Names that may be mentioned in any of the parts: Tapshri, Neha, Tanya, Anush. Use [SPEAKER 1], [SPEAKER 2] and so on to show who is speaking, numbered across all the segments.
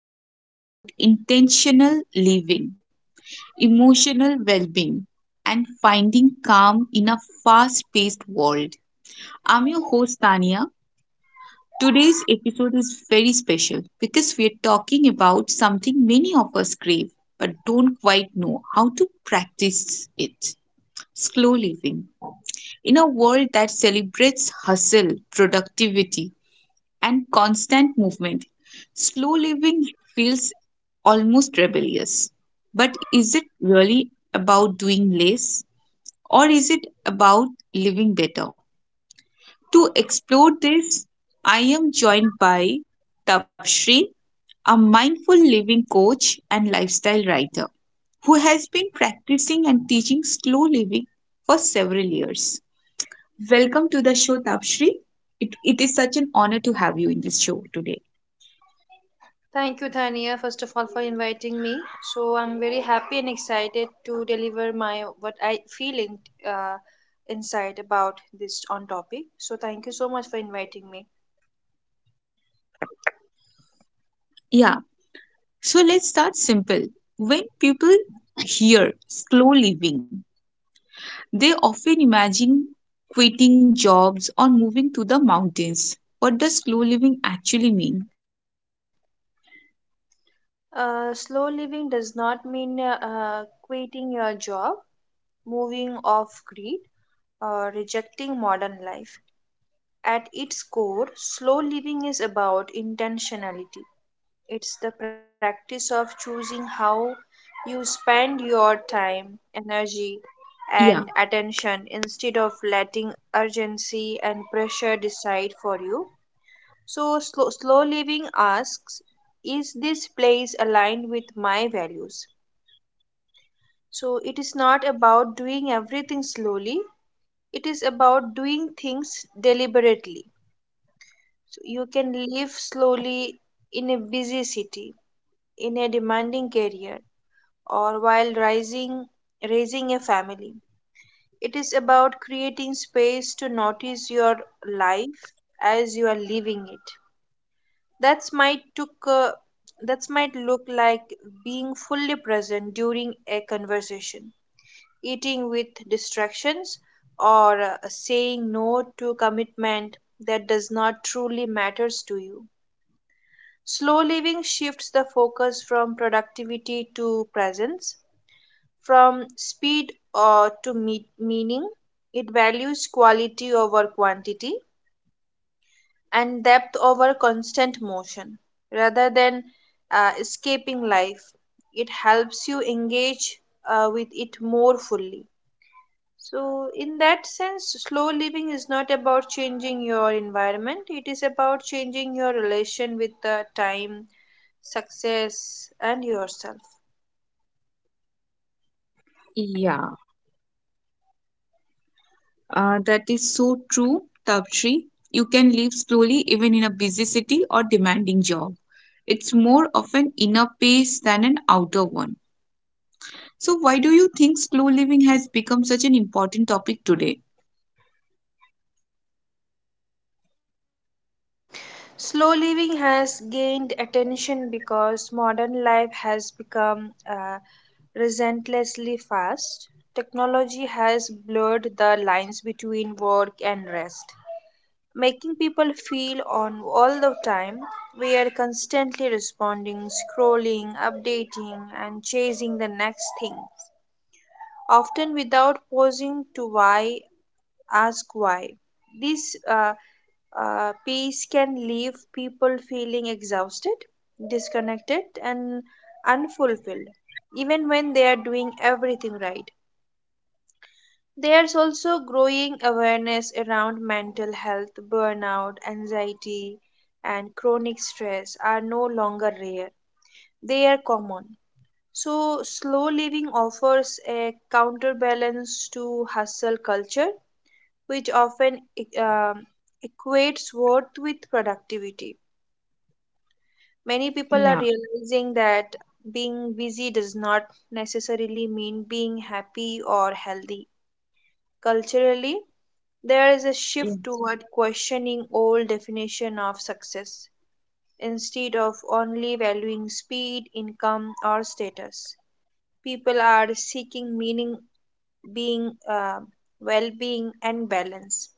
[SPEAKER 1] We talk about intentional living, emotional well being, and finding calm in a fast paced world. I'm your host, Tania. Today's episode is very special because we're talking about something many of us crave but don't quite know how to practice it, slow living. In a world that celebrates hustle, productivity, and constant movement. Slow living feels almost rebellious. But is it really about doing less or is it about living better? To explore this, I am joined by Tapshri, a mindful living coach and lifestyle writer who has been practicing and teaching slow living for several years. Welcome to the show, Tapshri. It is such an honor to have you in this show today.
[SPEAKER 2] Thank you, Thania, first of all, for inviting me. So I'm very happy and excited to deliver my what I feeling uh, inside about this on topic. So thank you so much for inviting me.
[SPEAKER 1] Yeah. So let's start simple. When people hear slow living, they often imagine quitting jobs or moving to the mountains. What does slow living actually mean?
[SPEAKER 2] Slow living does not mean quitting your job, moving off grid, or rejecting modern life. At its core, slow living is about intentionality. It's the practice of choosing how you spend your
[SPEAKER 1] Yeah,
[SPEAKER 2] time, energy, and attention instead of letting urgency and pressure decide for you. So, slow living asks, is this place aligned with my values? So, it is not about doing everything slowly, it is about doing things deliberately. So, you can live slowly in a busy city, in a demanding career, or while rising, raising a family. It is about creating space to notice your life as you are living it. That's might took uh, that's might look like being fully present during a conversation, eating with distractions, or saying no to commitment that does not truly matters to you. Slow living shifts the focus from productivity to presence, from speed to meaning. It values quality over quantity and depth over constant motion rather than escaping life. It helps you engage with it more fully. So, in that sense, slow living is not about changing your environment, it is about changing your relation with the time, success, and yourself.
[SPEAKER 1] yeah, that is so true, Tapshri. You can live slowly even in a busy city or demanding job. It's more of an inner pace than an outer one. So, why do you think slow living has become such an important topic today?
[SPEAKER 2] Slow living has gained attention because modern life has become relentlessly fast. Technology has blurred the lines between work and rest, making people feel on all the time. We are constantly responding, scrolling, updating, and chasing the next thing, often without pausing to why ask why. This piece can leave people feeling exhausted, disconnected, and unfulfilled, even when they are doing everything right. There's also growing awareness around mental health, burnout, anxiety, and chronic stress are no longer rare, they are common. So, slow living offers a counterbalance to hustle culture which often equates worth with productivity. Many people are
[SPEAKER 1] Yeah,
[SPEAKER 2] realizing that being busy does not necessarily mean being happy or healthy. Culturally, there is a
[SPEAKER 1] yeah,
[SPEAKER 2] shift toward questioning old definition of success instead of only valuing speed, income, or status. People are seeking meaning, being, uh, well-being, and balance.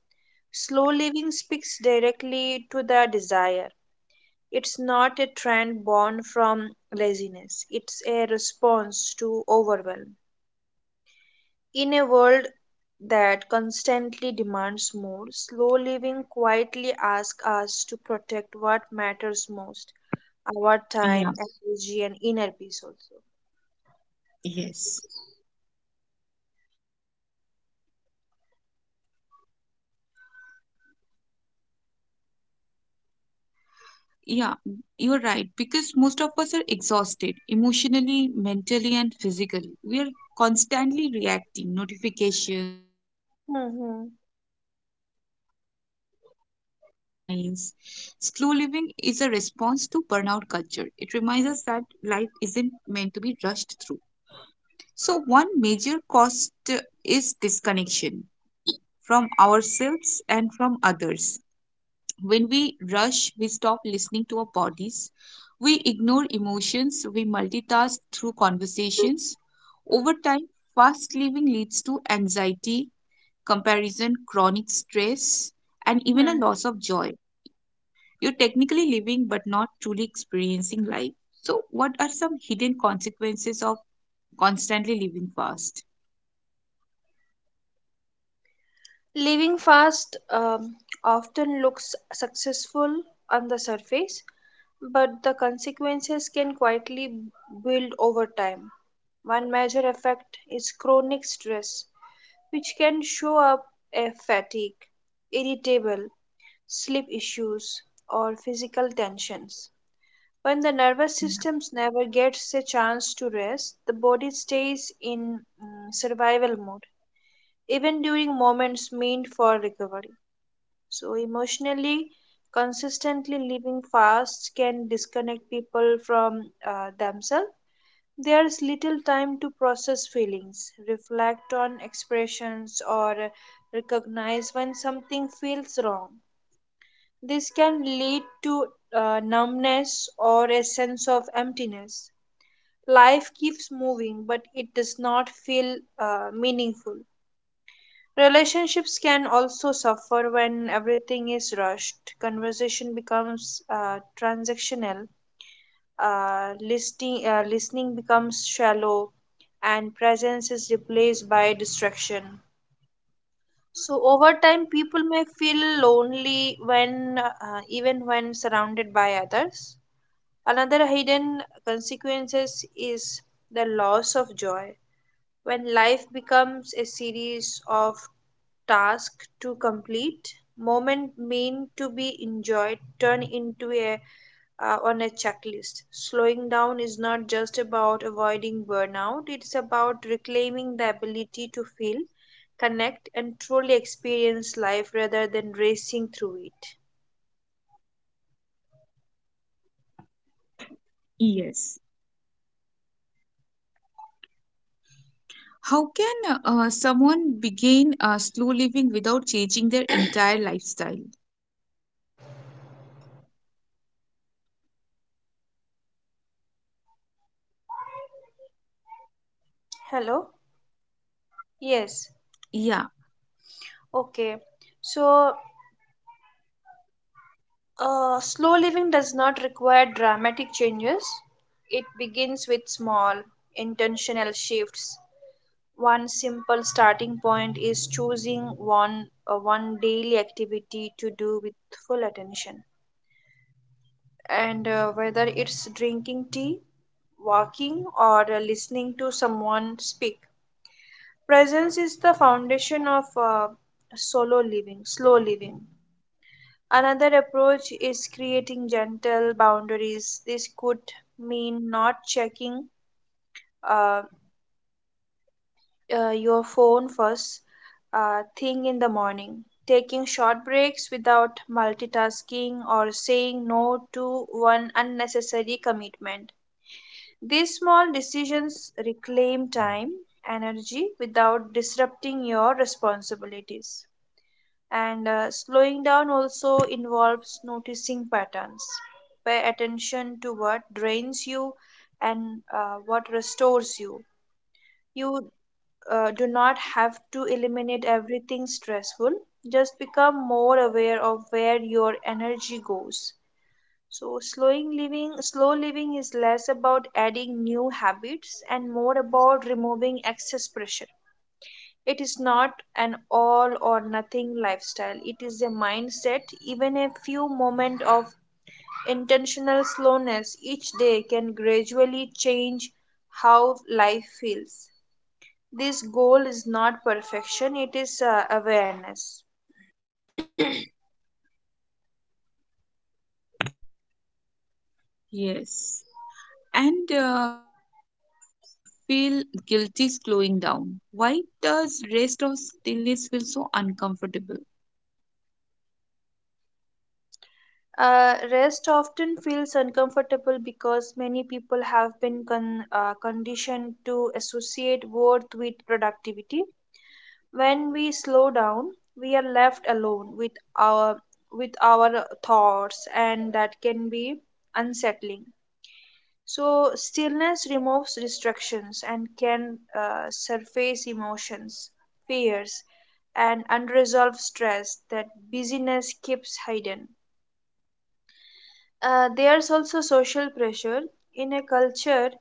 [SPEAKER 2] Slow living speaks directly to the desire. It's not a trend born from laziness, it's a response to overwhelm. In a world that constantly demands more, slow living quietly asks us to protect what matters most, our
[SPEAKER 1] yeah,
[SPEAKER 2] time, energy, and inner peace also.
[SPEAKER 1] yes. Yeah, you're right. Because most of us are exhausted emotionally, mentally, and physically. We are constantly reacting notifications, expectations,
[SPEAKER 2] Mhm.
[SPEAKER 1] deadlines. Slow living is a response to burnout culture. It reminds us that life isn't meant to be rushed through. So, one major cost is disconnection from ourselves and from others. When we rush, we stop listening to our bodies. We ignore emotions. We multitask through conversations. Over time, fast living leads to anxiety, comparison, chronic stress, and even a loss of joy. You're technically living but not truly experiencing life. So, what are some hidden consequences of constantly living fast?
[SPEAKER 2] Living fast often looks successful on the surface, but the consequences can quietly build over time. One major effect is chronic stress, which can show up as fatigue, irritable, sleep issues, or physical tensions. When the nervous system never gets a chance to rest, the body stays in survival mode, even during moments meant for recovery. So, emotionally, consistently living fast can disconnect people from themselves. There's little time to process feelings, reflect on expressions, or recognize when something feels wrong. This can lead to numbness or a sense of emptiness. Life keeps moving, but it does not feel meaningful. Relationships can also suffer when everything is rushed. Conversation becomes transactional, listening becomes shallow, and presence is replaced by distraction. So, over time, people may feel lonely when even when surrounded by others. Another hidden consequences is the loss of joy, when life becomes a series of tasks to complete, moment meant to be enjoyed turn into a on a checklist. Slowing down is not just about avoiding burnout, it's about reclaiming the ability to feel, connect, and truly experience life rather than racing through it.
[SPEAKER 1] Yes. How can someone begin slow living without changing their entire lifestyle?
[SPEAKER 2] Hello? Yes.
[SPEAKER 1] Yeah,
[SPEAKER 2] Okay. So, slow living does not require dramatic changes. It begins with small, intentional shifts. One simple starting point is choosing one daily activity to do with full attention. And whether it's drinking tea, walking, or listening to someone speak, presence is the foundation of slow living. Another approach is creating gentle boundaries. This could mean not checking uh, your phone first thing in the morning, taking short breaks without multitasking, or saying no to one unnecessary commitment. These small decisions reclaim time, energy without disrupting your responsibilities. And slowing down also involves noticing patterns, pay attention to what drains you, and what restores you. Do not have to eliminate everything stressful, just become more aware of where your energy goes. So slow living is less about adding new habits and more about removing excess pressure. It is not an all or nothing lifestyle, it is a mindset. Even a few moments of intentional slowness each day can gradually change how life feels. This goal is not perfection, it is awareness.
[SPEAKER 1] yes. And you see, many people feel guilty slowing down. Why does rest or stillness feel so uncomfortable?
[SPEAKER 2] Rest often feels uncomfortable because many people have been conditioned to associate worth with productivity. When we slow down, we are left alone with our thoughts, and that can be unsettling. So stillness removes distractions and can surface emotions, fears, and unresolved stress that busyness keeps hidden. There's also social pressure in a culture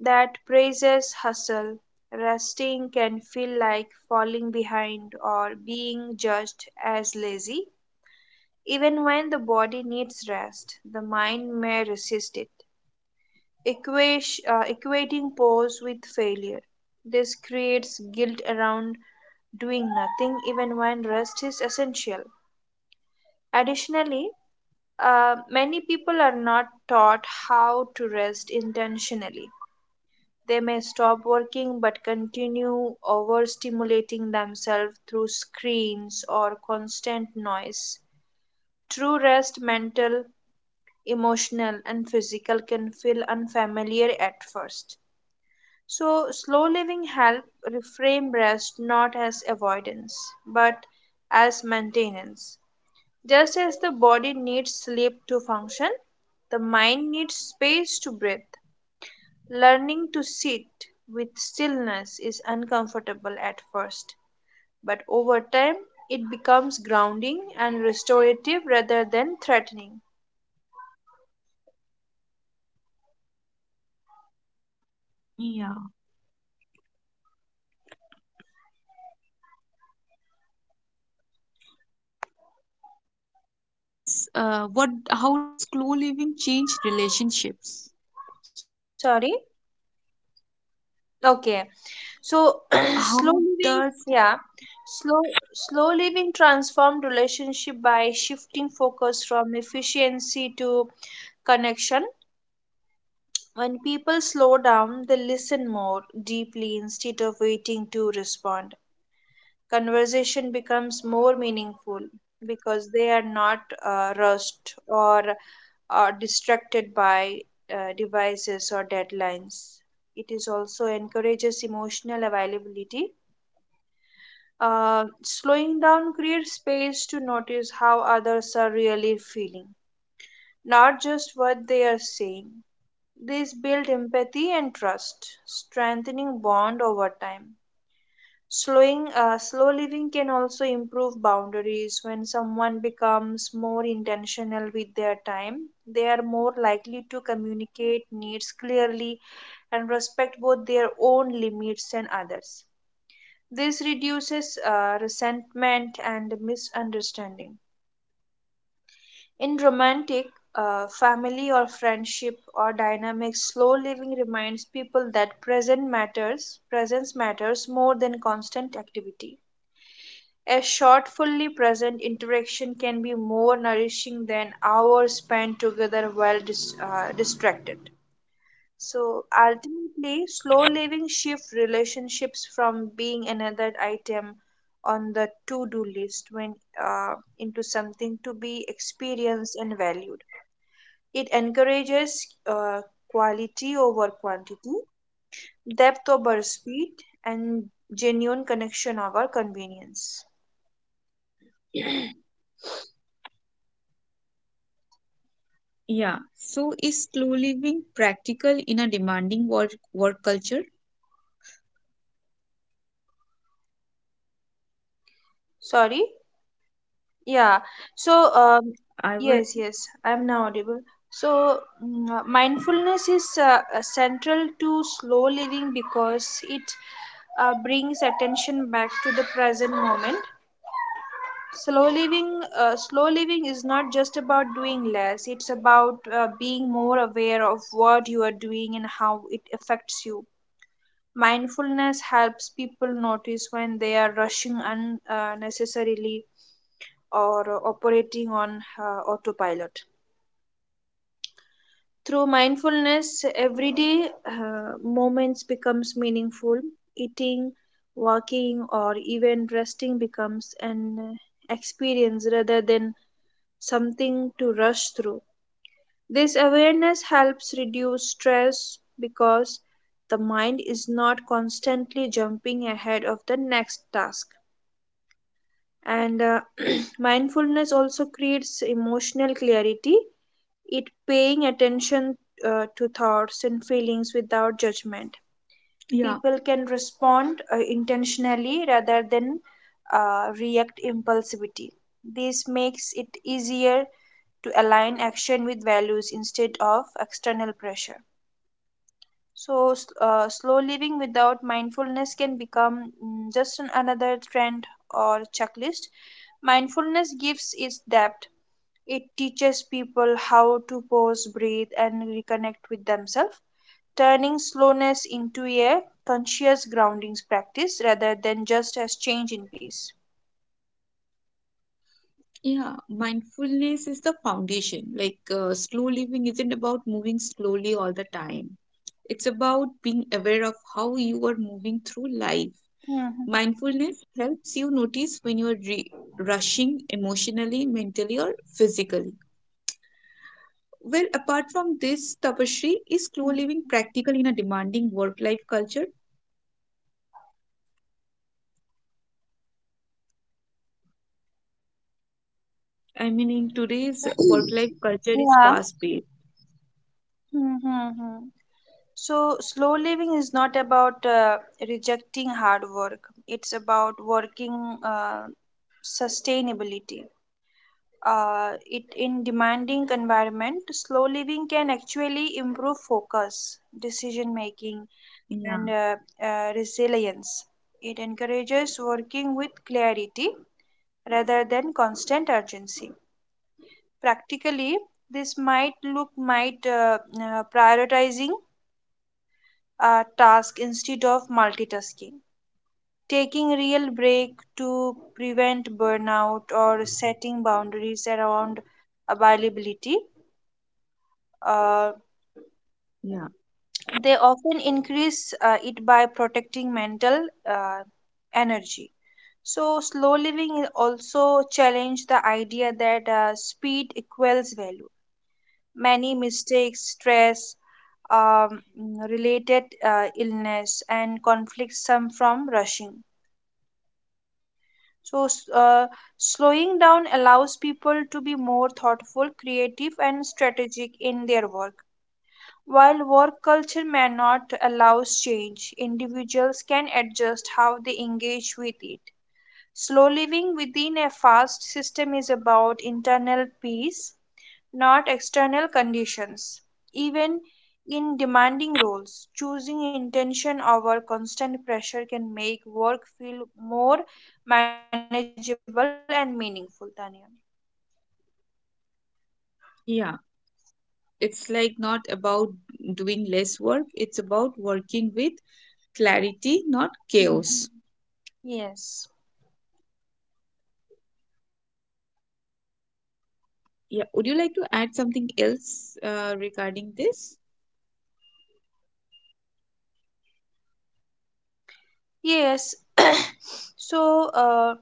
[SPEAKER 2] that praises hustle. Resting can feel like falling behind or being judged as lazy. Even when the body needs rest, the mind may resist it, equating pause with failure. This creates guilt around doing nothing even when rest is essential. Additionally, many people are not taught how to rest intentionally. They may stop working but continue overstimulating themselves through screens or constant noise. True rest, mental, emotional, and physical, can feel unfamiliar at first. So, slow living help reframe rest not as avoidance but as maintenance. Just as the body needs sleep to function, the mind needs space to breathe. Learning to sit with stillness is uncomfortable at first, but over time it becomes grounding and restorative rather than threatening.
[SPEAKER 1] Yeah. So, what role does what? How does slow living change relationships?
[SPEAKER 2] Sorry? Okay. So, slow living,
[SPEAKER 1] How
[SPEAKER 2] yeah.
[SPEAKER 1] does
[SPEAKER 2] Slow, slow living transformed relationship by shifting focus from efficiency to connection. When people slow down, they listen more deeply instead of waiting to respond. Conversation becomes more meaningful because they are not rushed or are distracted by devices or deadlines. It is also encourages emotional availability. Slowing down creates space to notice how others are really feeling, not just what they are saying. These build empathy and trust, strengthening bond over time. Slow living can also improve boundaries. When someone becomes more intentional with their time, they are more likely to communicate needs clearly and respect both their own limits and others. This reduces resentment and misunderstanding. In romantic, family or friendship or dynamics, slow living reminds people that presence matters more than constant activity. A short, fully present interaction can be more nourishing than hours spent together while distracted. So ultimately, slow living shifts relationships from being another item on the to-do list when into something to be experienced and valued. It encourages quality over quantity, depth over speed, and genuine connection over convenience.
[SPEAKER 1] Yeah? So, is slow living practical in a demanding work culture?
[SPEAKER 2] Sorry. Yeah. So,
[SPEAKER 1] I was
[SPEAKER 2] yes, yes, I'm now audible. So, mindfulness is central to slow living because it brings attention back to the present moment. Slow living is not just about doing less, it's about being more aware of what you are doing and how it affects you. Mindfulness helps people notice when they are rushing unnecessarily or operating on autopilot. Through mindfulness, everyday moments becomes meaningful. Eating, walking, or even resting becomes an experience rather than something to rush through. This awareness helps reduce stress because the mind is not constantly jumping ahead of the next task. And mindfulness also creates emotional clarity, it paying attention
[SPEAKER 1] Yeah,
[SPEAKER 2] to thoughts and feelings without judgment. People can respond intentionally rather than react impulsivity. This makes it easier to align action with values instead of external pressure. So, slow living without mindfulness can become just another trend or checklist. Mindfulness gives its depth. It teaches people how to pause, breathe, and reconnect with themselves, turning slowness into a conscious grounding practice rather than just as change in pace.
[SPEAKER 1] yeah. Mindfulness is the foundation. Like, slow living isn't about moving slowly all the time. It's about being aware of how you are moving through life.
[SPEAKER 2] Mhm.
[SPEAKER 1] Mindfulness helps you notice when you are rushing emotionally, mentally, or physically. Well, apart from this, Tapashri, is slow living practical in a demanding work life culture? I mean, in today's work life culture is
[SPEAKER 2] Yeah.
[SPEAKER 1] fast paced.
[SPEAKER 2] Mm-hmm. So, slow living is not about rejecting hard work. It's about working sustainability. It In demanding environment, slow living can actually improve focus, decision making,
[SPEAKER 1] Yeah,
[SPEAKER 2] and resilience. It encourages working with clarity rather than constant urgency. Practically, this might look might prioritizing task instead of multitasking, taking real break to prevent burnout, or setting boundaries around availability. Uh,
[SPEAKER 1] yeah,
[SPEAKER 2] they often increase it by protecting mental energy. So slow living also challenge the idea that speed equals value. Many mistakes, stress, um, related illness, and conflicts come from rushing. So, slowing down allows people to be more thoughtful, creative, and strategic in their work. While work culture may not allow change, individuals can adjust how they engage with it. Slow living within a fast system is about internal peace, not external conditions. Even in demanding roles, choosing intention over constant pressure can make work feel more manageable and meaningful, Tanya.
[SPEAKER 1] yeah. It's like not about doing less work, it's about working with clarity, not
[SPEAKER 2] Mhm.
[SPEAKER 1] chaos.
[SPEAKER 2] Yes.
[SPEAKER 1] Yeah, would you like to add something else regarding this?
[SPEAKER 2] Yes. So, uh,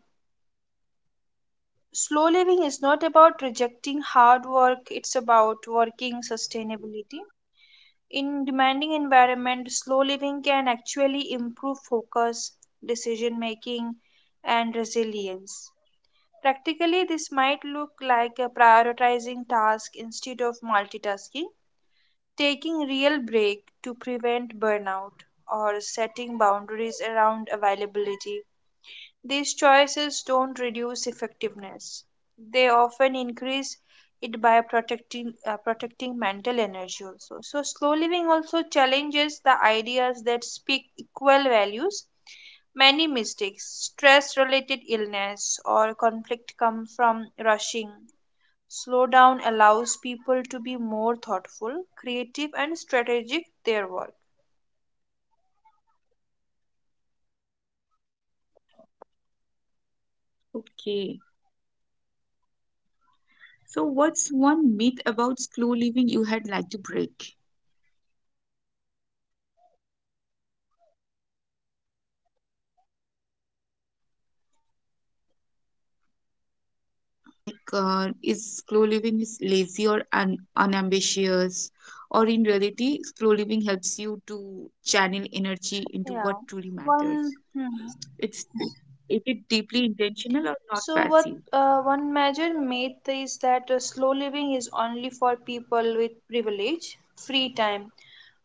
[SPEAKER 2] slow living is not about rejecting hard work, it's about working sustainability. In demanding environment, slow living can actually improve focus, decision making, and resilience. Practically, this might look like a prioritizing task instead of multitasking, taking real break to prevent burnout, or setting boundaries around availability. These choices don't reduce effectiveness. They often increase it by protecting mental energy also. So slow living also challenges the ideas that speak equal values. Many mistakes, stress related illness, or conflict come from rushing. Slow down allows people to be more thoughtful, creative, and strategic their work.
[SPEAKER 1] Okay, so what's one myth about slow living you had like to break? Like, is slow living is lazy or unambitious, or in reality slow living helps you to channel energy
[SPEAKER 2] Yeah.
[SPEAKER 1] into what truly
[SPEAKER 2] One. Hmm.
[SPEAKER 1] matters? It's, is it deeply
[SPEAKER 2] So
[SPEAKER 1] intentional or
[SPEAKER 2] what
[SPEAKER 1] not
[SPEAKER 2] one
[SPEAKER 1] passive?
[SPEAKER 2] major myth is that slow living is only for people with privilege, free time,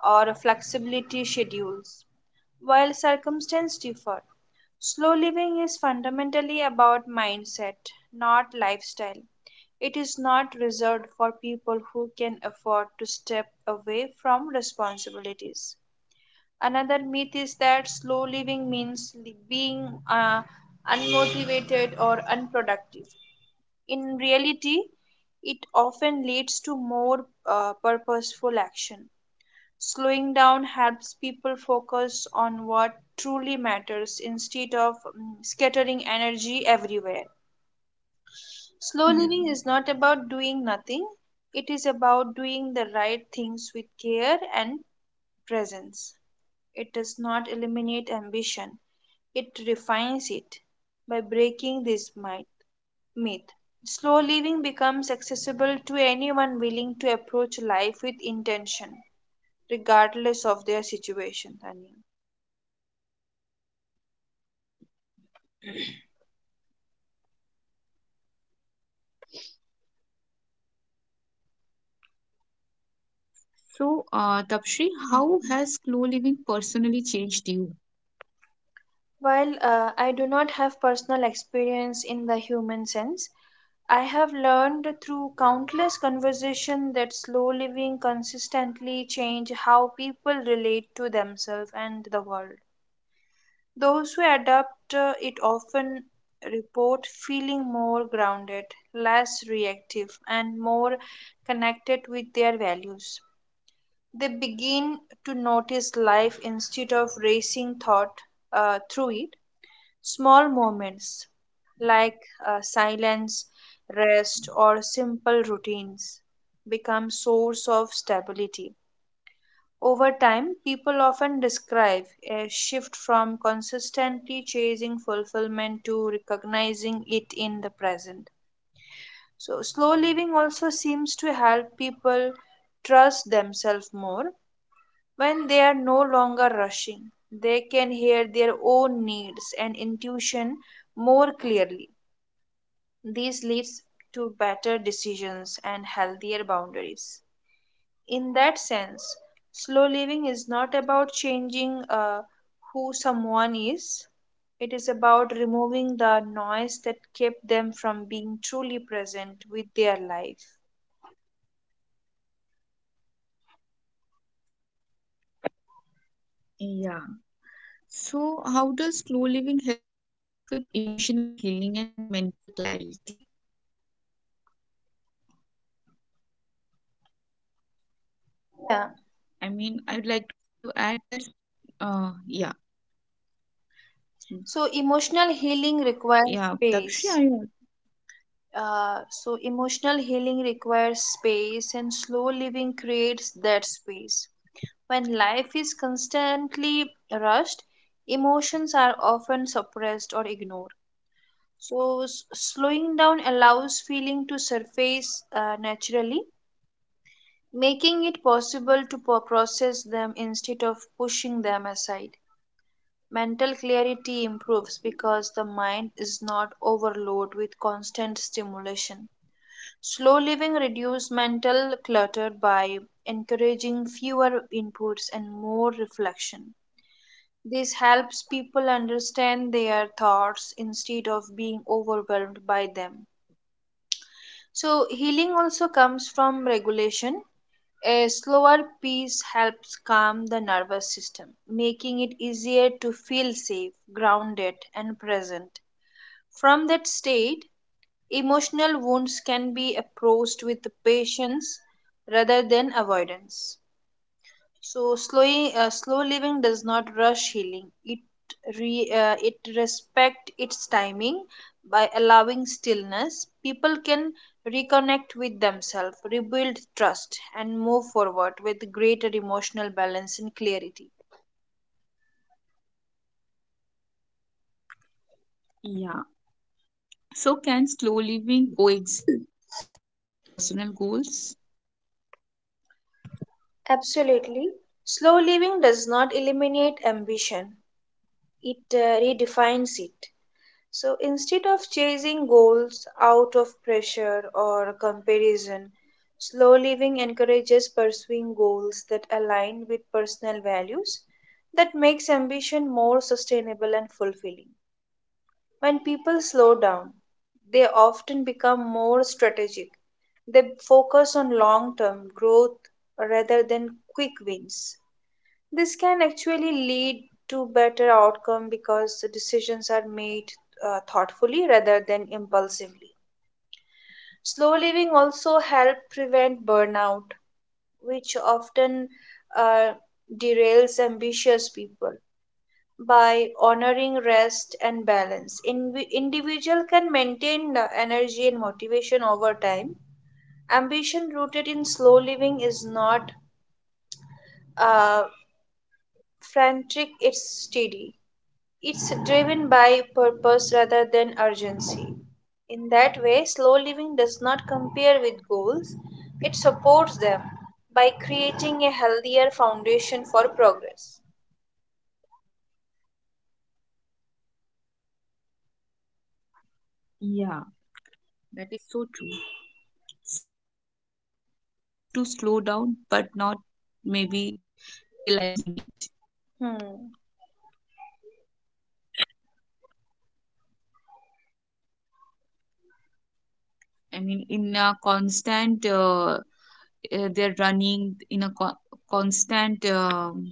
[SPEAKER 2] or flexibility schedules. While circumstances differ, slow living is fundamentally about mindset, not lifestyle. It is not reserved for people who can afford to step away from responsibilities. Another myth is that slow living means being unmotivated or unproductive. In reality, it often leads to more purposeful action. Slowing down helps people focus on what truly matters instead of scattering energy everywhere. Slow living is not about doing nothing, it is
[SPEAKER 1] Yeah.
[SPEAKER 2] about doing the right things with care and presence. It does not eliminate ambition, it refines it by breaking this myth. Slow living becomes accessible to anyone willing to approach life with intention, regardless of their situation, Tanya.
[SPEAKER 1] Yeah.
[SPEAKER 2] Mhm.
[SPEAKER 1] So, you?
[SPEAKER 2] While I do not have personal experience in the human sense, I have learned through countless conversation that slow living consistently change how people relate to themselves and the world. Those who adapt it often report feeling more grounded, less reactive, and more connected with their values. They begin to notice life instead of racing thought through it. Small moments like silence, rest, or simple routines become source of stability. Over time, people often describe a shift from consistently chasing fulfillment to recognizing it in the present. So, slow living also seems to help people trust themselves more. When they are no longer rushing, they can hear their own needs and intuition more clearly. This leads to better decisions and healthier boundaries. In that sense, slow living is not about changing who someone is, it is about removing the noise that kept them from being truly present with their life.
[SPEAKER 1] Yeah. So, how does slow living help with emotional healing and mental clarity? I mean, I would like to
[SPEAKER 2] Yeah.
[SPEAKER 1] add that, uh, yeah, yeah,
[SPEAKER 2] So,
[SPEAKER 1] Tapshri, I,
[SPEAKER 2] emotional healing requires space so, emotional healing requires space, and slow living creates that space. When life is constantly rushed, emotions are often suppressed or ignored. So slowing down allows feeling to surface naturally, making it possible to process them instead of pushing them aside. Mental clarity improves because the mind is not overloaded with constant stimulation. Slow living reduces mental clutter by encouraging fewer inputs and more reflection. This helps people understand their thoughts instead of being overwhelmed by them. So, healing also comes from regulation. A slower pace helps calm the nervous system, making it easier to feel safe, grounded, and present. From that state, emotional wounds can be approached with patience rather than avoidance. So, slow living does not rush healing. It it respect its timing. By allowing stillness, people can reconnect with themselves, rebuild trust, and move forward with greater emotional balance and clarity.
[SPEAKER 1] yeah. So, can slow living coexist with ambition and personal goals?
[SPEAKER 2] Absolutely, slow living does not eliminate ambition; it redefines it. So instead of chasing goals out of pressure or comparison, slow living encourages pursuing goals that align with personal values. That makes ambition more sustainable and fulfilling. When people slow down, they often become more strategic. They focus on long-term growth rather than quick wins. This can actually lead to better outcome because the decisions are made thoughtfully rather than impulsively. Slow living also help prevent burnout, which often uh, derails ambitious people. By honoring rest and balance, in individual can maintain energy and motivation over time. Ambition rooted in slow living is not uh, frantic; it's steady. It's driven by purpose rather than urgency. In that way, slow living does not compare with goals, it supports them by creating a healthier foundation for progress.
[SPEAKER 1] Yeah, that is so true. So, what are some signs that someone needs to slow down but not maybe realizing it?
[SPEAKER 2] Hmm.
[SPEAKER 1] I mean, in a constant, they're running constant,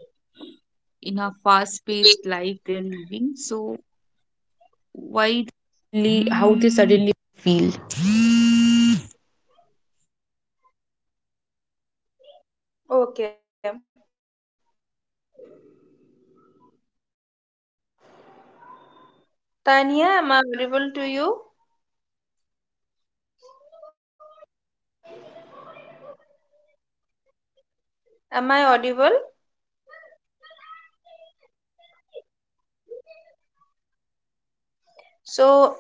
[SPEAKER 1] in a fast-paced life they're living. So
[SPEAKER 2] Okay. Tanya, am I audible to you? Am I audible? So,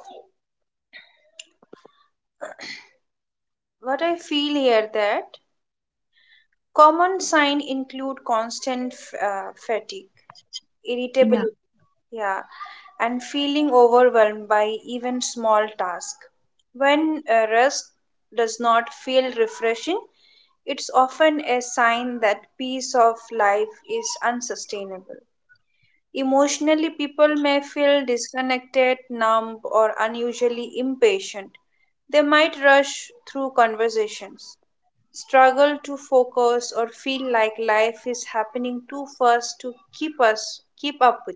[SPEAKER 1] Oh God, Anush.
[SPEAKER 2] what I feel here that common sign include constant fatigue,
[SPEAKER 1] Yeah,
[SPEAKER 2] irritability, yeah, and feeling overwhelmed by even small tasks. When rest does not feel refreshing, it's often a sign that peace of life is unsustainable. Emotionally, people may feel disconnected, numb, or unusually impatient. They might rush through conversations, struggle to focus, or feel like life is happening too fast to keep up with.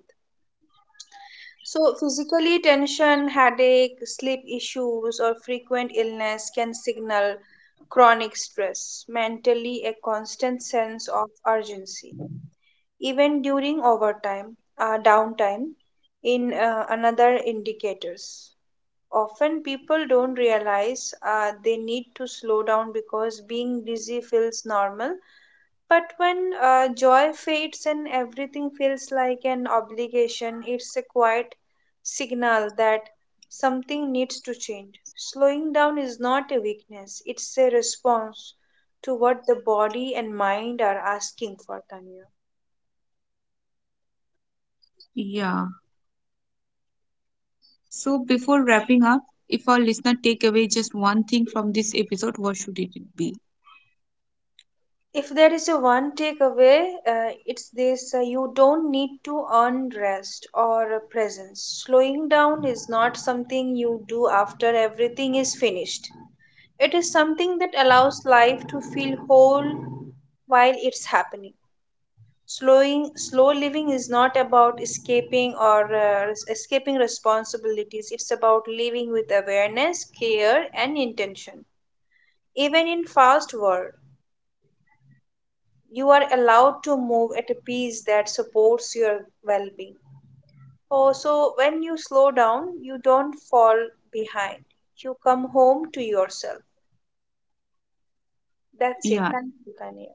[SPEAKER 2] So, physically, tension, headache, sleep issues, or frequent illness can signal chronic stress. Mentally, a constant sense of urgency, even during downtime, in another indicators. Often people don't realize they need to slow down because being busy feels normal. But when joy fades and everything feels like an obligation, it's a quiet signal that something needs to change. Slowing down is not a weakness, it's a response to what the body and mind are asking for, Tanya.
[SPEAKER 1] yeah. So before wrapping up, if our listener take away just one thing from this episode, what should it be?
[SPEAKER 2] If there is a one takeaway, it's this: you don't need to earn rest or a presence. Slowing down is not something you do after everything is finished. It is something that allows life to feel whole while it's happening. Slow living is not about escaping or escaping responsibilities. It's about living with awareness, care, and intention, even in fast world. You are allowed to move at a pace that supports your well being. Oh, so when you slow down, you don't fall behind. You come home to yourself. That's it.
[SPEAKER 1] Yeah.
[SPEAKER 2] Thank you, Kanye.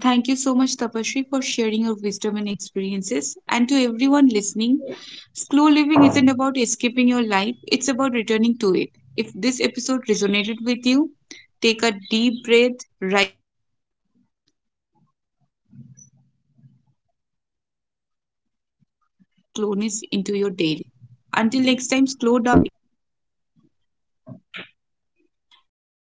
[SPEAKER 1] Thank you so much, Tapashri, for sharing your wisdom and experiences. And to everyone listening, slow living isn't about escaping your life, it's about returning to it. If this episode resonated with you, take a deep breath right now and carry that slowness into your day. Until next time, slow down, stay present, and live fully.